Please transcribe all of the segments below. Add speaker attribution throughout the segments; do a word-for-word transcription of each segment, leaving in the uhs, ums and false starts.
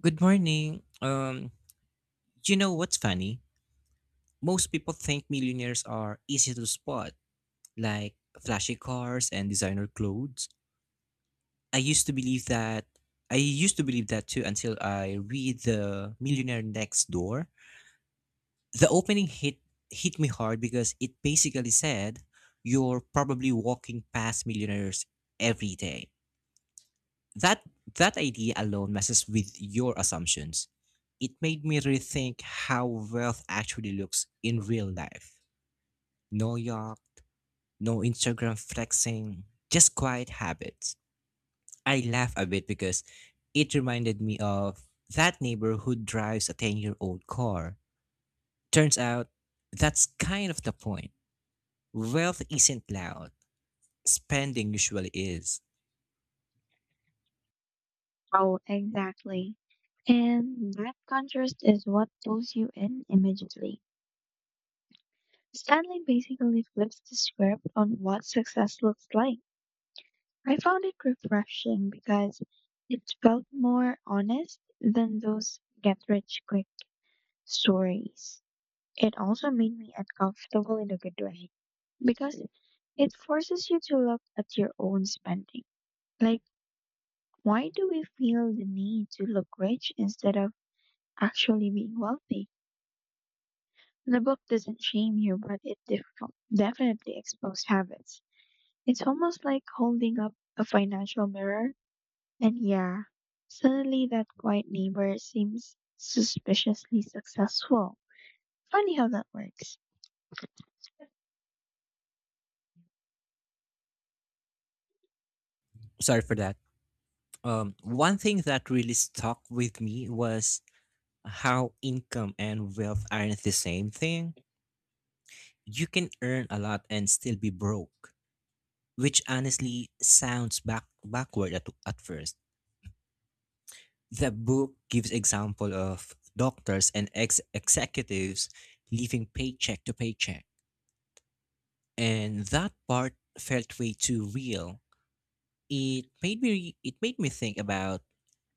Speaker 1: Good morning. Um, you know what's funny? Most people think millionaires are easy to spot, like flashy cars and designer clothes. I used to believe that. I used to believe that too until I read The Millionaire Next Door. The opening hit hit me hard because it basically said you're probably walking past millionaires every day. That that idea alone messes with your assumptions. It made me rethink how wealth actually looks in real life. No yacht, no Instagram flexing, just quiet habits. I laugh a bit because it reminded me of that neighbor who drives a ten-year-old car. Turns out that's kind of the point. Wealth isn't loud. Spending usually is.
Speaker 2: Oh, exactly. And that contrast is what pulls you in immediately. Stanley basically flips the script on what success looks like. I found it refreshing because it felt more honest than those get rich quick stories. It also made me uncomfortable in a good way because it forces you to look at your own spending. Like, why do we feel the need to look rich instead of actually being wealthy? The book doesn't shame you, but it def- definitely exposed habits. It's almost like holding up a financial mirror. And yeah, suddenly that quiet neighbor seems suspiciously successful. Funny how that works.
Speaker 1: Sorry for that. Um, one thing that really stuck with me was how income and wealth aren't the same thing. You can earn a lot and still be broke, which honestly sounds back backward at, at first. The book gives example of doctors and ex- executives living paycheck to paycheck, and that part felt way too real. It made me it made me think about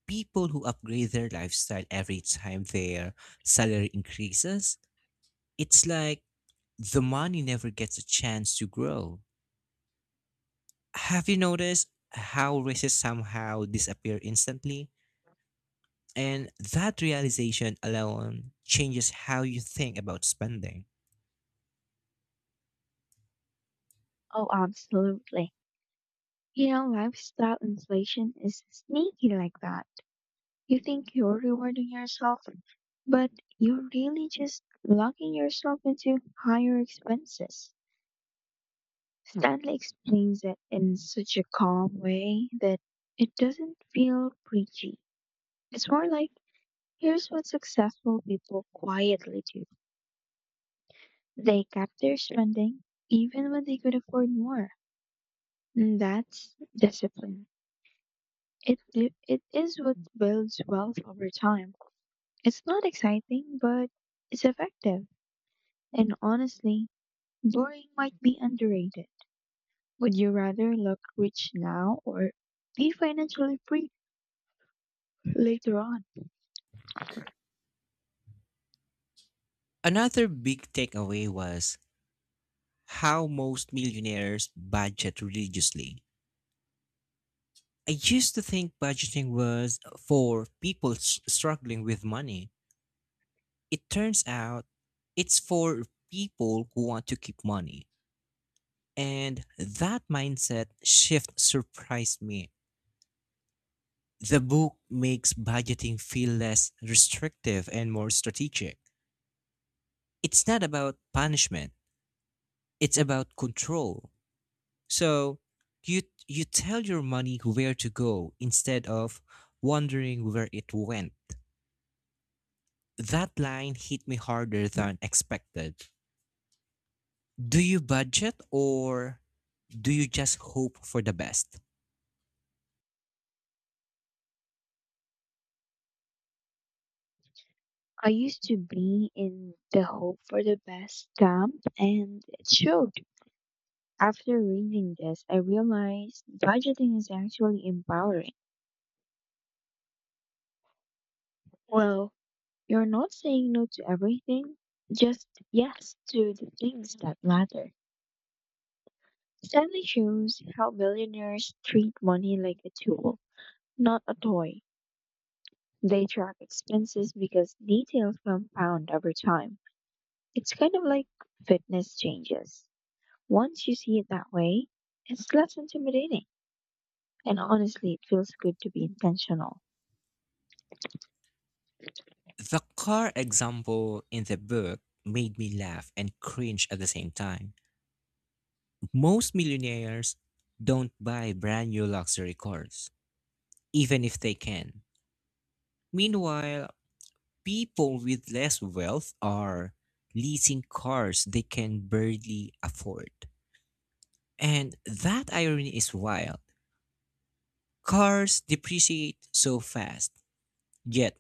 Speaker 1: people who upgrade their lifestyle every time their salary increases. It's like the money never gets a chance to grow. Have you noticed how races somehow disappear instantly? And that realization alone changes how you think about spending.
Speaker 2: Oh, absolutely. You know, lifestyle inflation is sneaky like that. You think you're rewarding yourself, but you're really just locking yourself into higher expenses. Stanley explains it in such a calm way that it doesn't feel preachy. It's more like here's what successful people quietly do. They cut their spending even when they could afford more. And that's discipline. It, di- it is what builds wealth over time. It's not exciting, but it's effective. And honestly, boring might be underrated. Would you rather look rich now or be financially free later on?
Speaker 1: Another big takeaway was how most millionaires budget religiously. I used to think budgeting was for people s- struggling with money. It turns out it's for people who want to keep money. And that mindset shift surprised me. The book makes budgeting feel less restrictive and more strategic. It's not about punishment, it's about control. So you you tell your money where to go instead of wondering where it went. That line hit me harder than expected. Do you budget or do you just hope for the best?
Speaker 2: I used to be in the Hope for the Best camp, and it showed. After reading this, I realized budgeting is actually empowering. Well, you're not saying no to everything, just yes to the things that matter. Stanley shows how billionaires treat money like a tool, not a toy. They track expenses because details compound over time. It's kind of like fitness changes. Once you see it that way, it's less intimidating. And honestly, it feels good to be intentional.
Speaker 1: The car example in the book made me laugh and cringe at the same time. Most millionaires don't buy brand new luxury cars, even if they can. Meanwhile, people with less wealth are leasing cars they can barely afford. And that irony is wild. Cars depreciate so fast, yet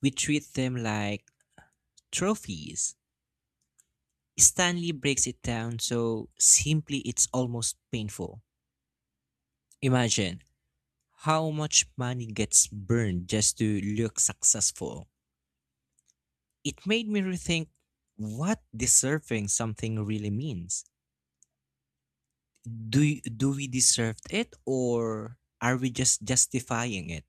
Speaker 1: we treat them like trophies. Stanley breaks it down so simply it's almost painful. Imagine how much money gets burned just to look successful. It made me rethink what deserving something really means. Do, do we deserve it or are we just justifying it?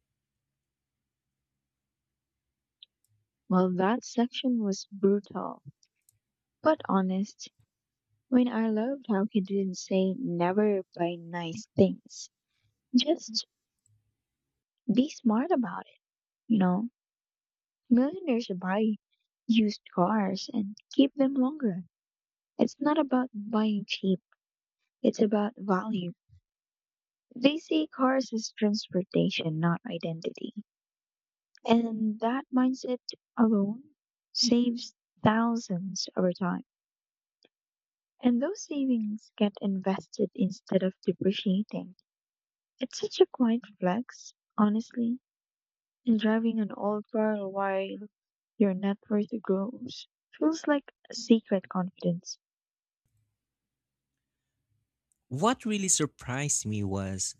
Speaker 2: Well, that section was brutal, but honest. I mean, I loved how he didn't say never buy nice things. Just be smart about it, you know? Millionaires buy used cars and keep them longer. It's not about buying cheap, it's about value. They see cars as transportation, not identity. And that mindset alone saves thousands over time. And those savings get invested instead of depreciating. It's such a quiet flex, honestly. And driving an old car while your net worth grows feels like a secret confidence.
Speaker 1: What really surprised me was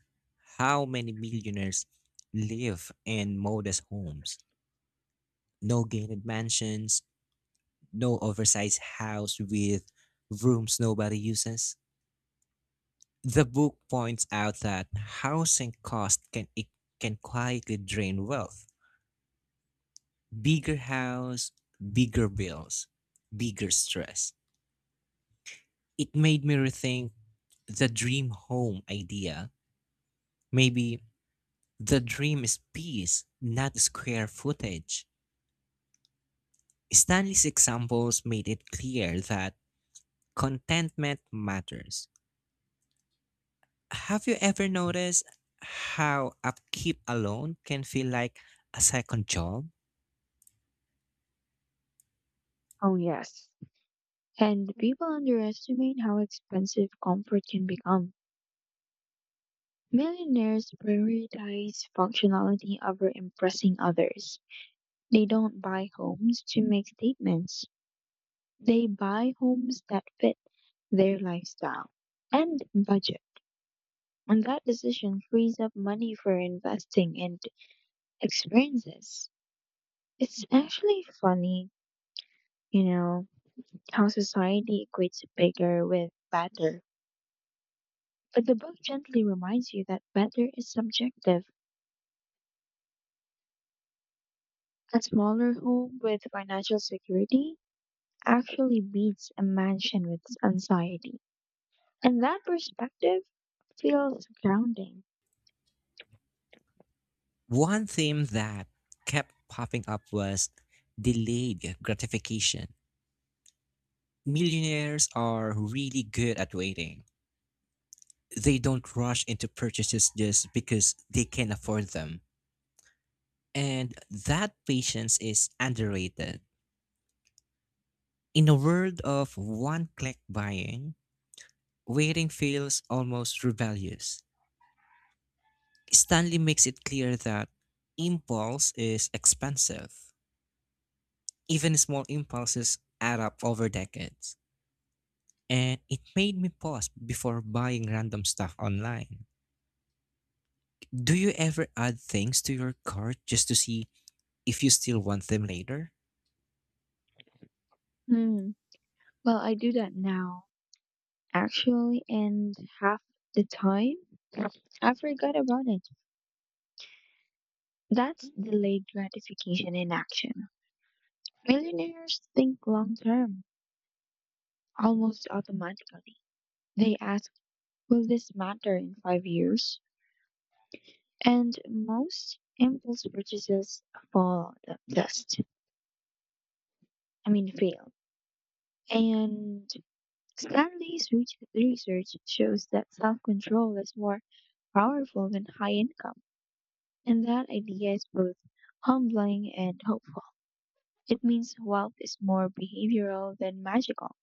Speaker 1: how many millionaires live in modest homes. No gated mansions, no oversized house with rooms nobody uses. The book points out that housing costs can it can quietly drain wealth. Bigger house, bigger bills, bigger stress. It made me rethink the dream home idea. Maybe the dream is peace, not square footage. Stanley's examples made it clear that contentment matters. Have you ever noticed how upkeep alone can feel like a second job?
Speaker 2: Oh, yes. And people underestimate how expensive comfort can become. Millionaires prioritize functionality over impressing others. They don't buy homes to make statements, they buy homes that fit their lifestyle and budget. And that decision frees up money for investing and experiences. It's actually funny, you know, how society equates bigger with better. But the book gently reminds you that better is subjective. A smaller home with financial security actually beats a mansion with anxiety. And that perspective feels grounding.
Speaker 1: One theme that kept popping up was delayed gratification. Millionaires are really good at waiting. They don't rush into purchases just because they can afford them. And that patience is underrated. In a world of one click buying, waiting feels almost rebellious. Stanley makes it clear that impulse is expensive. Even small impulses add up over decades. And it made me pause before buying random stuff online. Do you ever add things to your cart just to see if you still want them later?
Speaker 2: Hmm. Well, I do that now, actually, and half the time I forgot about it. That's delayed gratification in action. Millionaires think long term, almost automatically. They ask, will this matter in five years? And most impulse purchases fall the dust. I mean, fail. And Stanley's re- research shows that self control is more powerful than high income. And that idea is both humbling and hopeful. It means wealth is more behavioral than magical.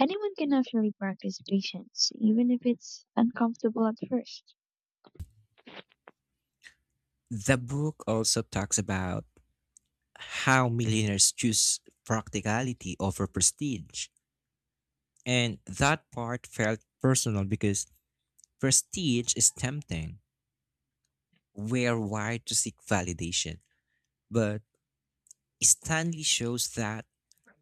Speaker 2: Anyone can actually practice patience, even if it's uncomfortable at first.
Speaker 1: The book also talks about how millionaires choose practicality over prestige. And that part felt personal because prestige is tempting. We're wired to seek validation. But Stanley shows that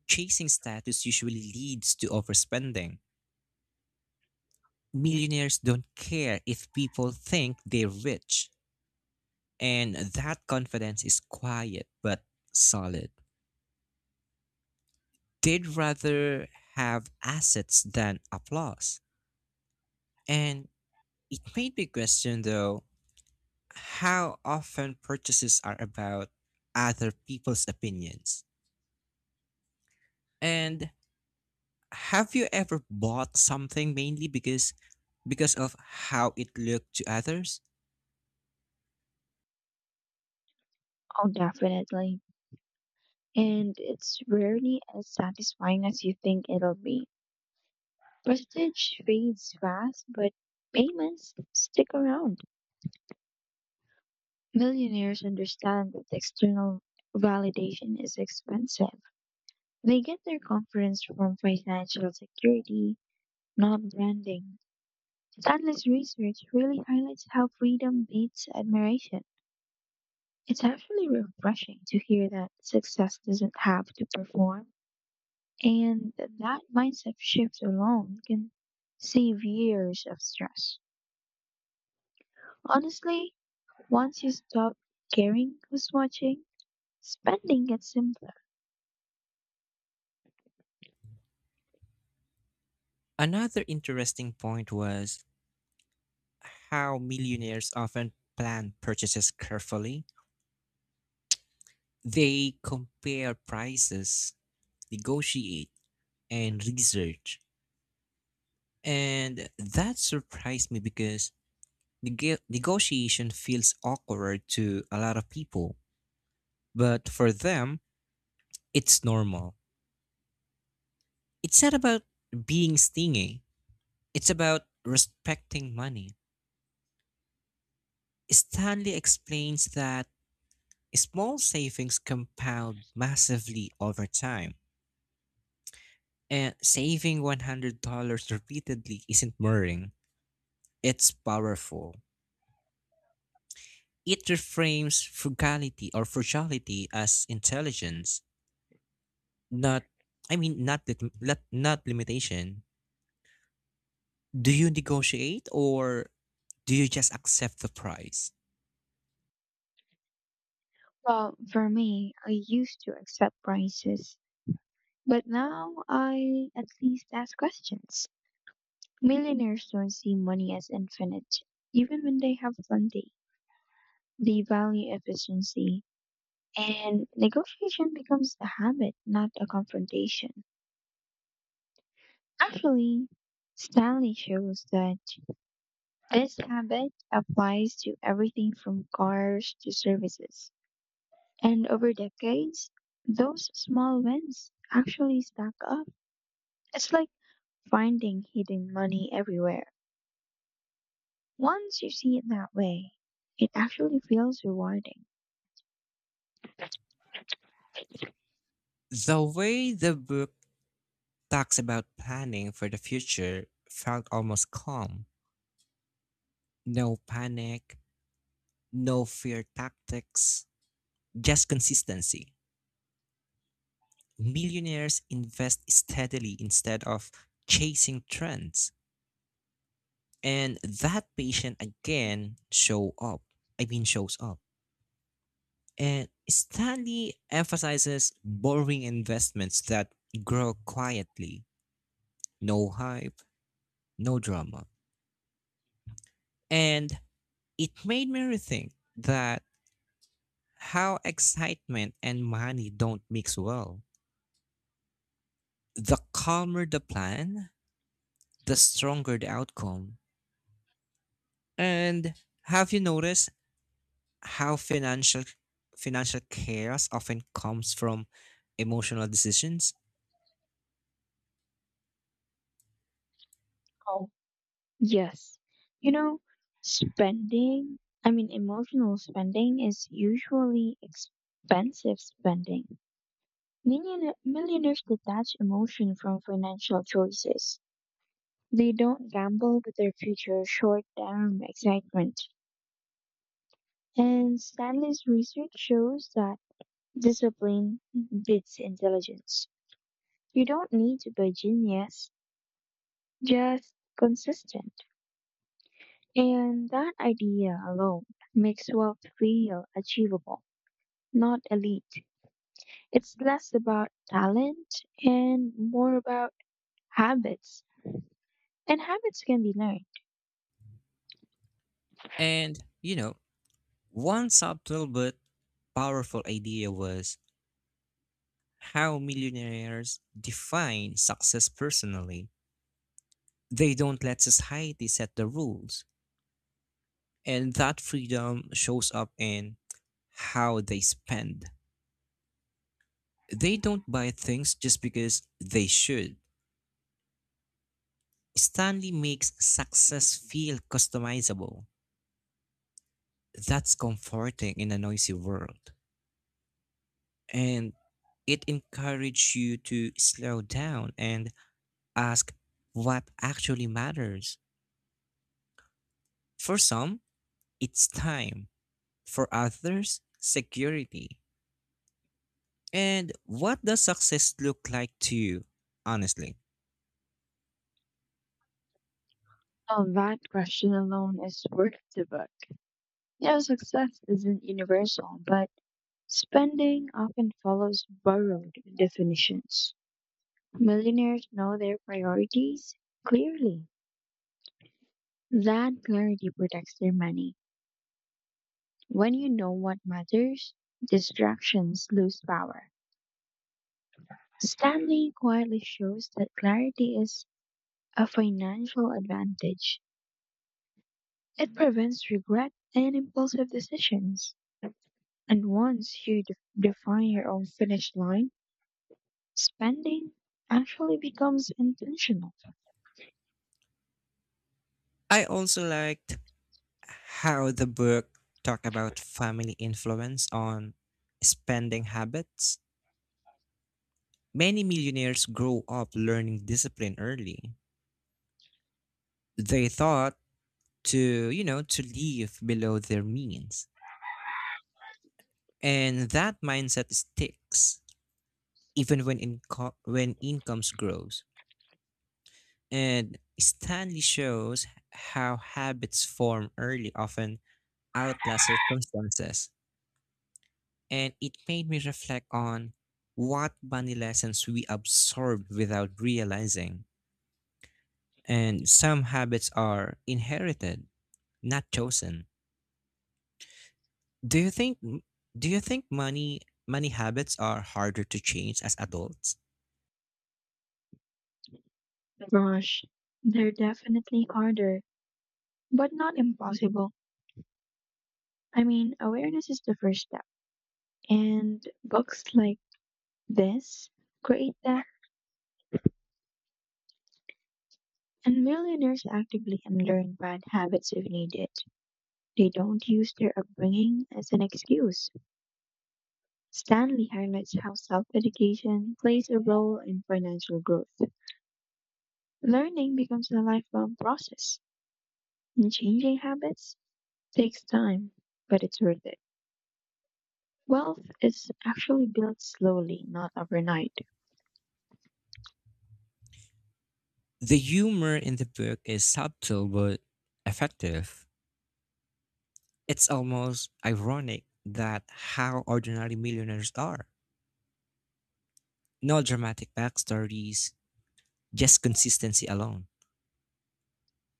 Speaker 1: chasing status usually leads to overspending. Millionaires don't care if people think they're rich. And that confidence is quiet but solid. They'd rather have assets than applause. And it made me question, though, how often purchases are about other people's opinions. And have you ever bought something mainly because because of how it looked to others?
Speaker 2: Oh, definitely. And it's rarely as satisfying as you think it'll be. Prestige fades fast, but payments stick around. Millionaires understand that external validation is expensive. They get their confidence from financial security, not branding. Atlas research really highlights how freedom beats admiration. It's actually refreshing to hear that success doesn't have to perform, and that mindset shift alone can save years of stress. Honestly, once you stop caring who's watching, spending gets simpler.
Speaker 1: Another interesting point was how millionaires often plan purchases carefully. They compare prices, negotiate, and research. And that surprised me because neg- negotiation feels awkward to a lot of people, but for them, it's normal. It's not about being stingy, it's about respecting money. Stanley explains that small savings compound massively over time. And saving one hundred dollars repeatedly isn't boring. It's powerful. It reframes frugality or frugality as intelligence, not I mean not lit- not, not limitation. Do you negotiate or do you just accept the price?
Speaker 2: Well, for me, I used to accept prices, but now I at least ask questions. Millionaires don't see money as infinite, even when they have plenty. They value efficiency, and negotiation becomes a habit, not a confrontation. Actually, Stanley shows that this habit applies to everything from cars to services. And over decades, those small wins actually stack up. It's like finding hidden money everywhere. Once you see it that way, it actually feels rewarding.
Speaker 1: The way the book talks about planning for the future felt almost calm. No panic, no fear tactics, just consistency. Millionaires invest steadily instead of chasing trends. And that patient again show up. I mean shows up. And Stanley emphasizes boring investments that grow quietly. No hype, no drama. And it made me rethink that how excitement and money don't mix well. The calmer the plan, the stronger the outcome. And have you noticed how financial financial chaos often comes from emotional decisions?
Speaker 2: Oh, yes. You know, spending, I mean, emotional spending is usually expensive spending. Millionaire, millionaires detach emotion from financial choices. They don't gamble with their future short term excitement. And Stanley's research shows that discipline beats intelligence. You don't need to be a genius, just consistent. And that idea alone makes wealth feel achievable, not elite. It's less about talent and more about habits. And habits can be learned.
Speaker 1: And you know, one subtle but powerful idea was how millionaires define success personally. They don't let society set the rules. And that freedom shows up in how they spend. They don't buy things just because they should. Stanley makes success feel customizable. That's comforting in a noisy world. And it encourages you to slow down and ask what actually matters. For some, it's time. For others, security. And what does success look like to you, honestly?
Speaker 2: Well, that question alone is worth the book. You know, success isn't universal, but spending often follows borrowed definitions. Millionaires know their priorities clearly. That clarity protects their money. When you know what matters, distractions lose power. Stanley quietly shows that clarity is a financial advantage. It prevents regret and impulsive decisions. And once you de- define your own finish line, spending actually becomes intentional.
Speaker 1: I also liked how the book talked about family influence on spending habits. Many millionaires grow up learning discipline early. They thought to, you know, to live below their means. And that mindset sticks even when inco- when incomes grows. And Stanley shows how habits form early often outlast circumstances. And it made me reflect on what bunny lessons we absorb without realizing. And some habits are inherited, not chosen. Do you think do you think money money habits are harder to change as adults?
Speaker 2: Gosh, they're definitely harder, but not impossible. I mean, awareness is the first step, and books like this create that, and millionaires actively unlearn bad habits if needed. They don't use their upbringing as an excuse. Stanley highlights how self education plays a role in financial growth. Learning becomes a lifelong process, and changing habits takes time, but it's worth it. Wealth is actually built slowly, not overnight,
Speaker 1: The humor in the book is subtle but effective. It's almost ironic that how ordinary millionaires are. No dramatic backstories, just consistency alone.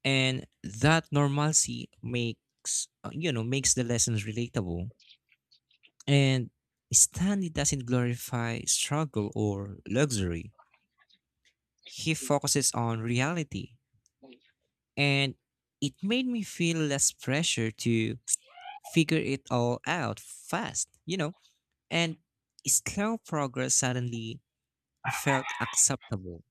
Speaker 1: And that normalcy makes uh, you know makes the lessons relatable. And Stanley doesn't glorify struggle or luxury. He focuses on reality, and it made me feel less pressure to figure it all out fast. You know, and slow progress suddenly felt acceptable.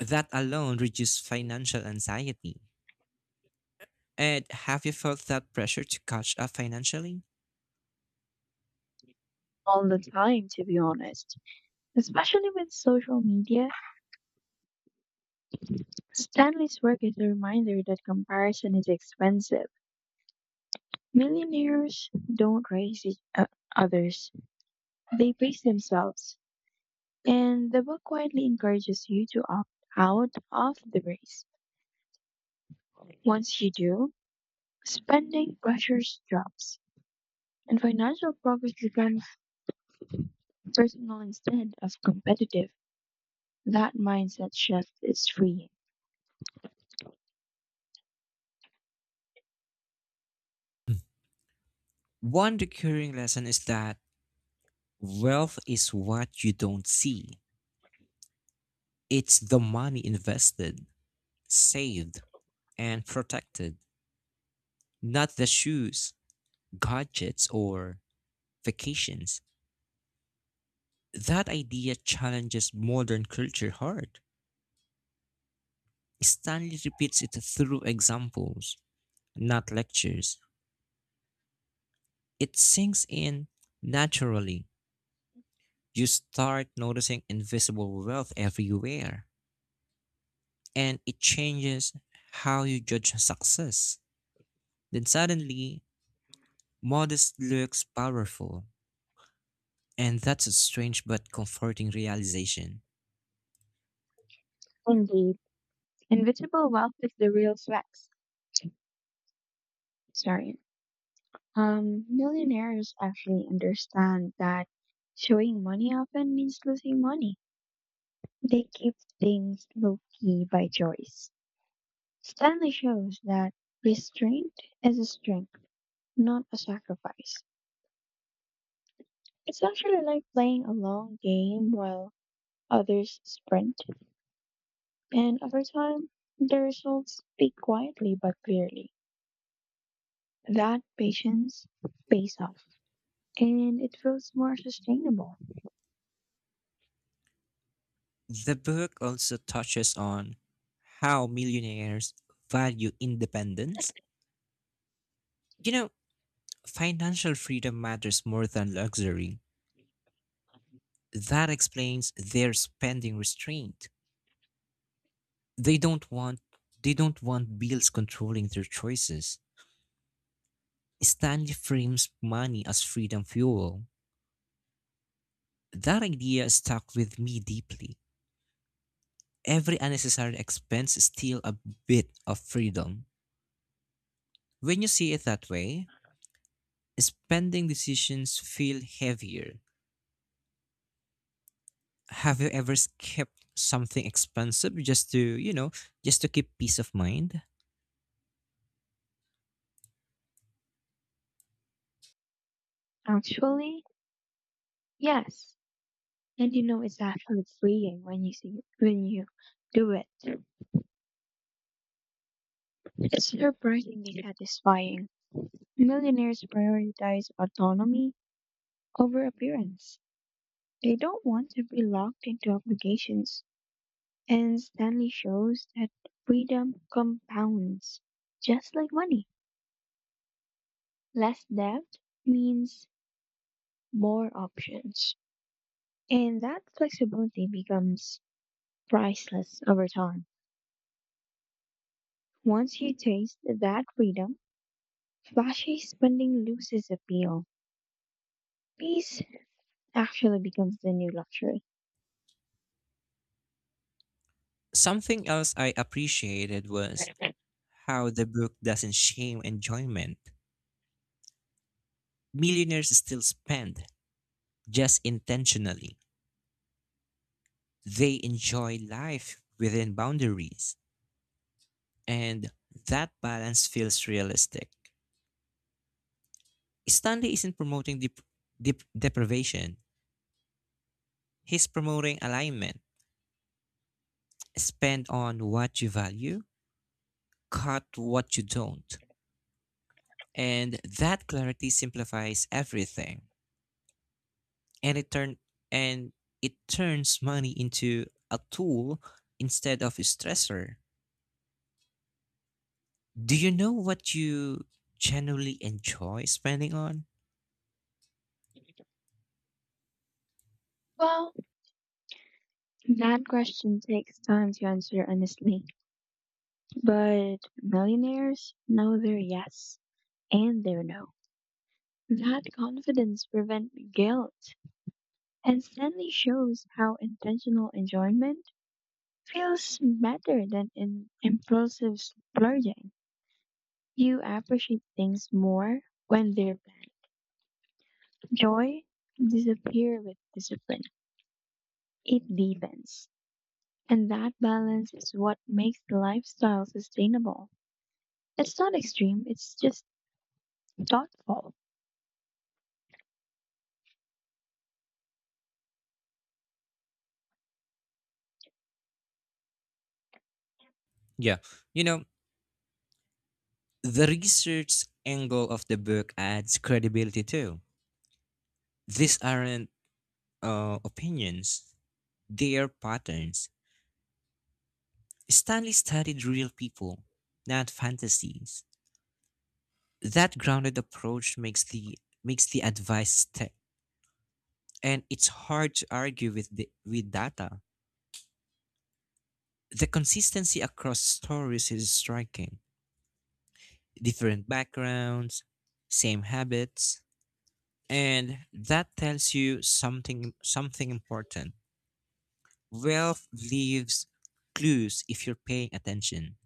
Speaker 1: That alone reduced financial anxiety. And have you felt that pressure to catch up financially?
Speaker 2: all the time, to be honest. Especially with social media, Stanley's work is a reminder that comparison is expensive. Millionaires don't raise each, uh, others, they raise themselves. And the book quietly encourages you to opt out of the race. Once you do, spending pressures drops, and financial progress becomes personal instead of competitive. That mindset shift is freeing.
Speaker 1: One recurring lesson is that wealth is what you don't see. It's the money invested, saved, and protected, not the shoes, gadgets, or vacations. That idea challenges modern culture hard. Stanley repeats it through examples, not lectures. It sinks in naturally. You start noticing invisible wealth everywhere and it changes how you judge success. Then suddenly, modest looks powerful, and that's a strange but comforting realization.
Speaker 2: Indeed. Invisible wealth is the real flex. Sorry. Um, millionaires actually understand that showing money often means losing money. They keep things low key by choice. Stanley shows that restraint is a strength, not a sacrifice. It's actually like playing a long game while others sprint, and over time, the results speak quietly but clearly. That patience pays off, and it feels more sustainable.
Speaker 1: The book also touches on how millionaires value independence. You know, financial freedom matters more than luxury. That explains their spending restraint. They don't want they don't want bills controlling their choices. Stanley frames money as freedom fuel. That idea stuck with me deeply. Every unnecessary expense is still a bit of freedom. When you see it that way, spending decisions feel heavier. Have you ever skipped something expensive just to, you know, just to keep peace of mind?
Speaker 2: Actually, yes, and you know it's actually freeing when you see when you do it. It's surprisingly satisfying. Millionaires prioritize autonomy over appearance. They don't want to be locked into obligations. And Stanley shows that freedom compounds, just like money. Less debt means more options. And that flexibility becomes priceless over time. Once you taste that freedom, flashy spending loses appeal. Peace actually becomes the new luxury.
Speaker 1: Something else I appreciated was how the book doesn't shame enjoyment. Millionaires still spend, just intentionally. They enjoy life within boundaries, and that balance feels realistic. Stanley isn't promoting dep- dep- deprivation, he's promoting alignment. Spend on what you value, cut what you don't. And that clarity simplifies everything. And it turn and it turns money into a tool instead of a stressor. Do you know what you generally enjoy spending on?
Speaker 2: Well, that question takes time to answer honestly, but millionaires know their yes and their no. That confidence prevents guilt and Stanley shows how intentional enjoyment feels better than in impulsive splurging. You appreciate things more when they're planned. Joy disappear with discipline. It deepens. And that balance is what makes the lifestyle sustainable. It's not extreme, it's just thoughtful.
Speaker 1: Yeah. You know, the research angle of the book adds credibility too. These aren't uh, opinions, they are patterns. Stanley studied real people, not fantasies. That grounded approach makes the makes the advice stick, and it's hard to argue with the, with data. The consistency across stories is striking. Different backgrounds, same habits, and that tells you something something important. Ralph leaves clues if you're paying attention.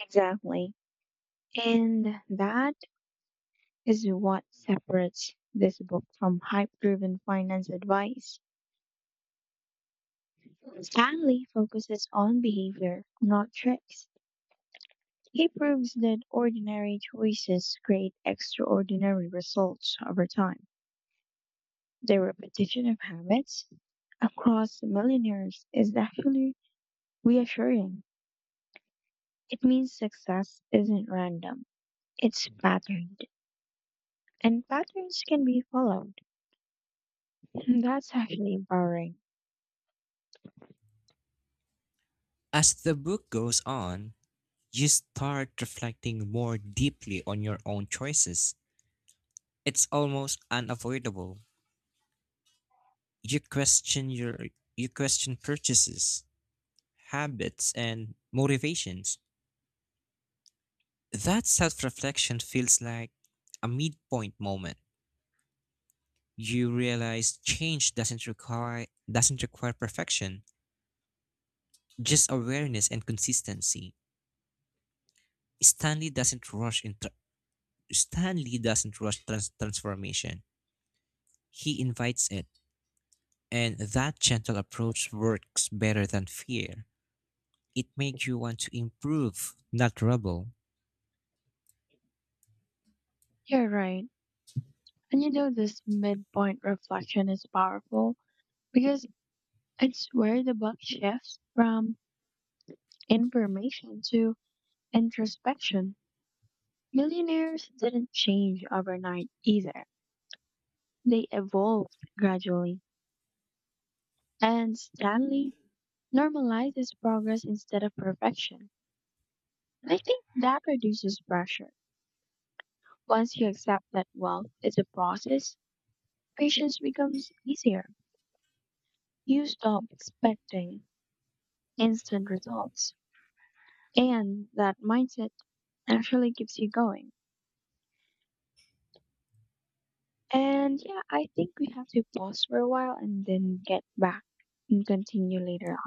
Speaker 2: Exactly. And that is what separates this book from hype-driven finance advice. Stanley focuses on behavior, not tricks. He proves that ordinary choices create extraordinary results over time. The repetition of habits across millionaires is actually reassuring. It means success isn't random, it's patterned. And patterns can be followed. That's actually empowering.
Speaker 1: As the book goes on, you start reflecting more deeply on your own choices. It's almost unavoidable. You question your you question purchases, habits, and motivations. That self-reflection feels like a midpoint moment. You realize change doesn't require doesn't require perfection, just awareness and consistency. Stanley doesn't rush into Stanley doesn't rush trans- transformation. He invites it, and that gentle approach works better than fear. It makes you want to improve, not rebel.
Speaker 2: You're right. And you know, this midpoint reflection is powerful because it's where the buck shifts from information to introspection. Millionaires didn't change overnight either, they evolved gradually. And Stanley normalizes progress instead of perfection. I think that reduces pressure. Once you accept that wealth is a process, patience becomes easier. You stop expecting instant results. And that mindset actually keeps you going. And yeah, I think we have to pause for a while and then get back and continue later.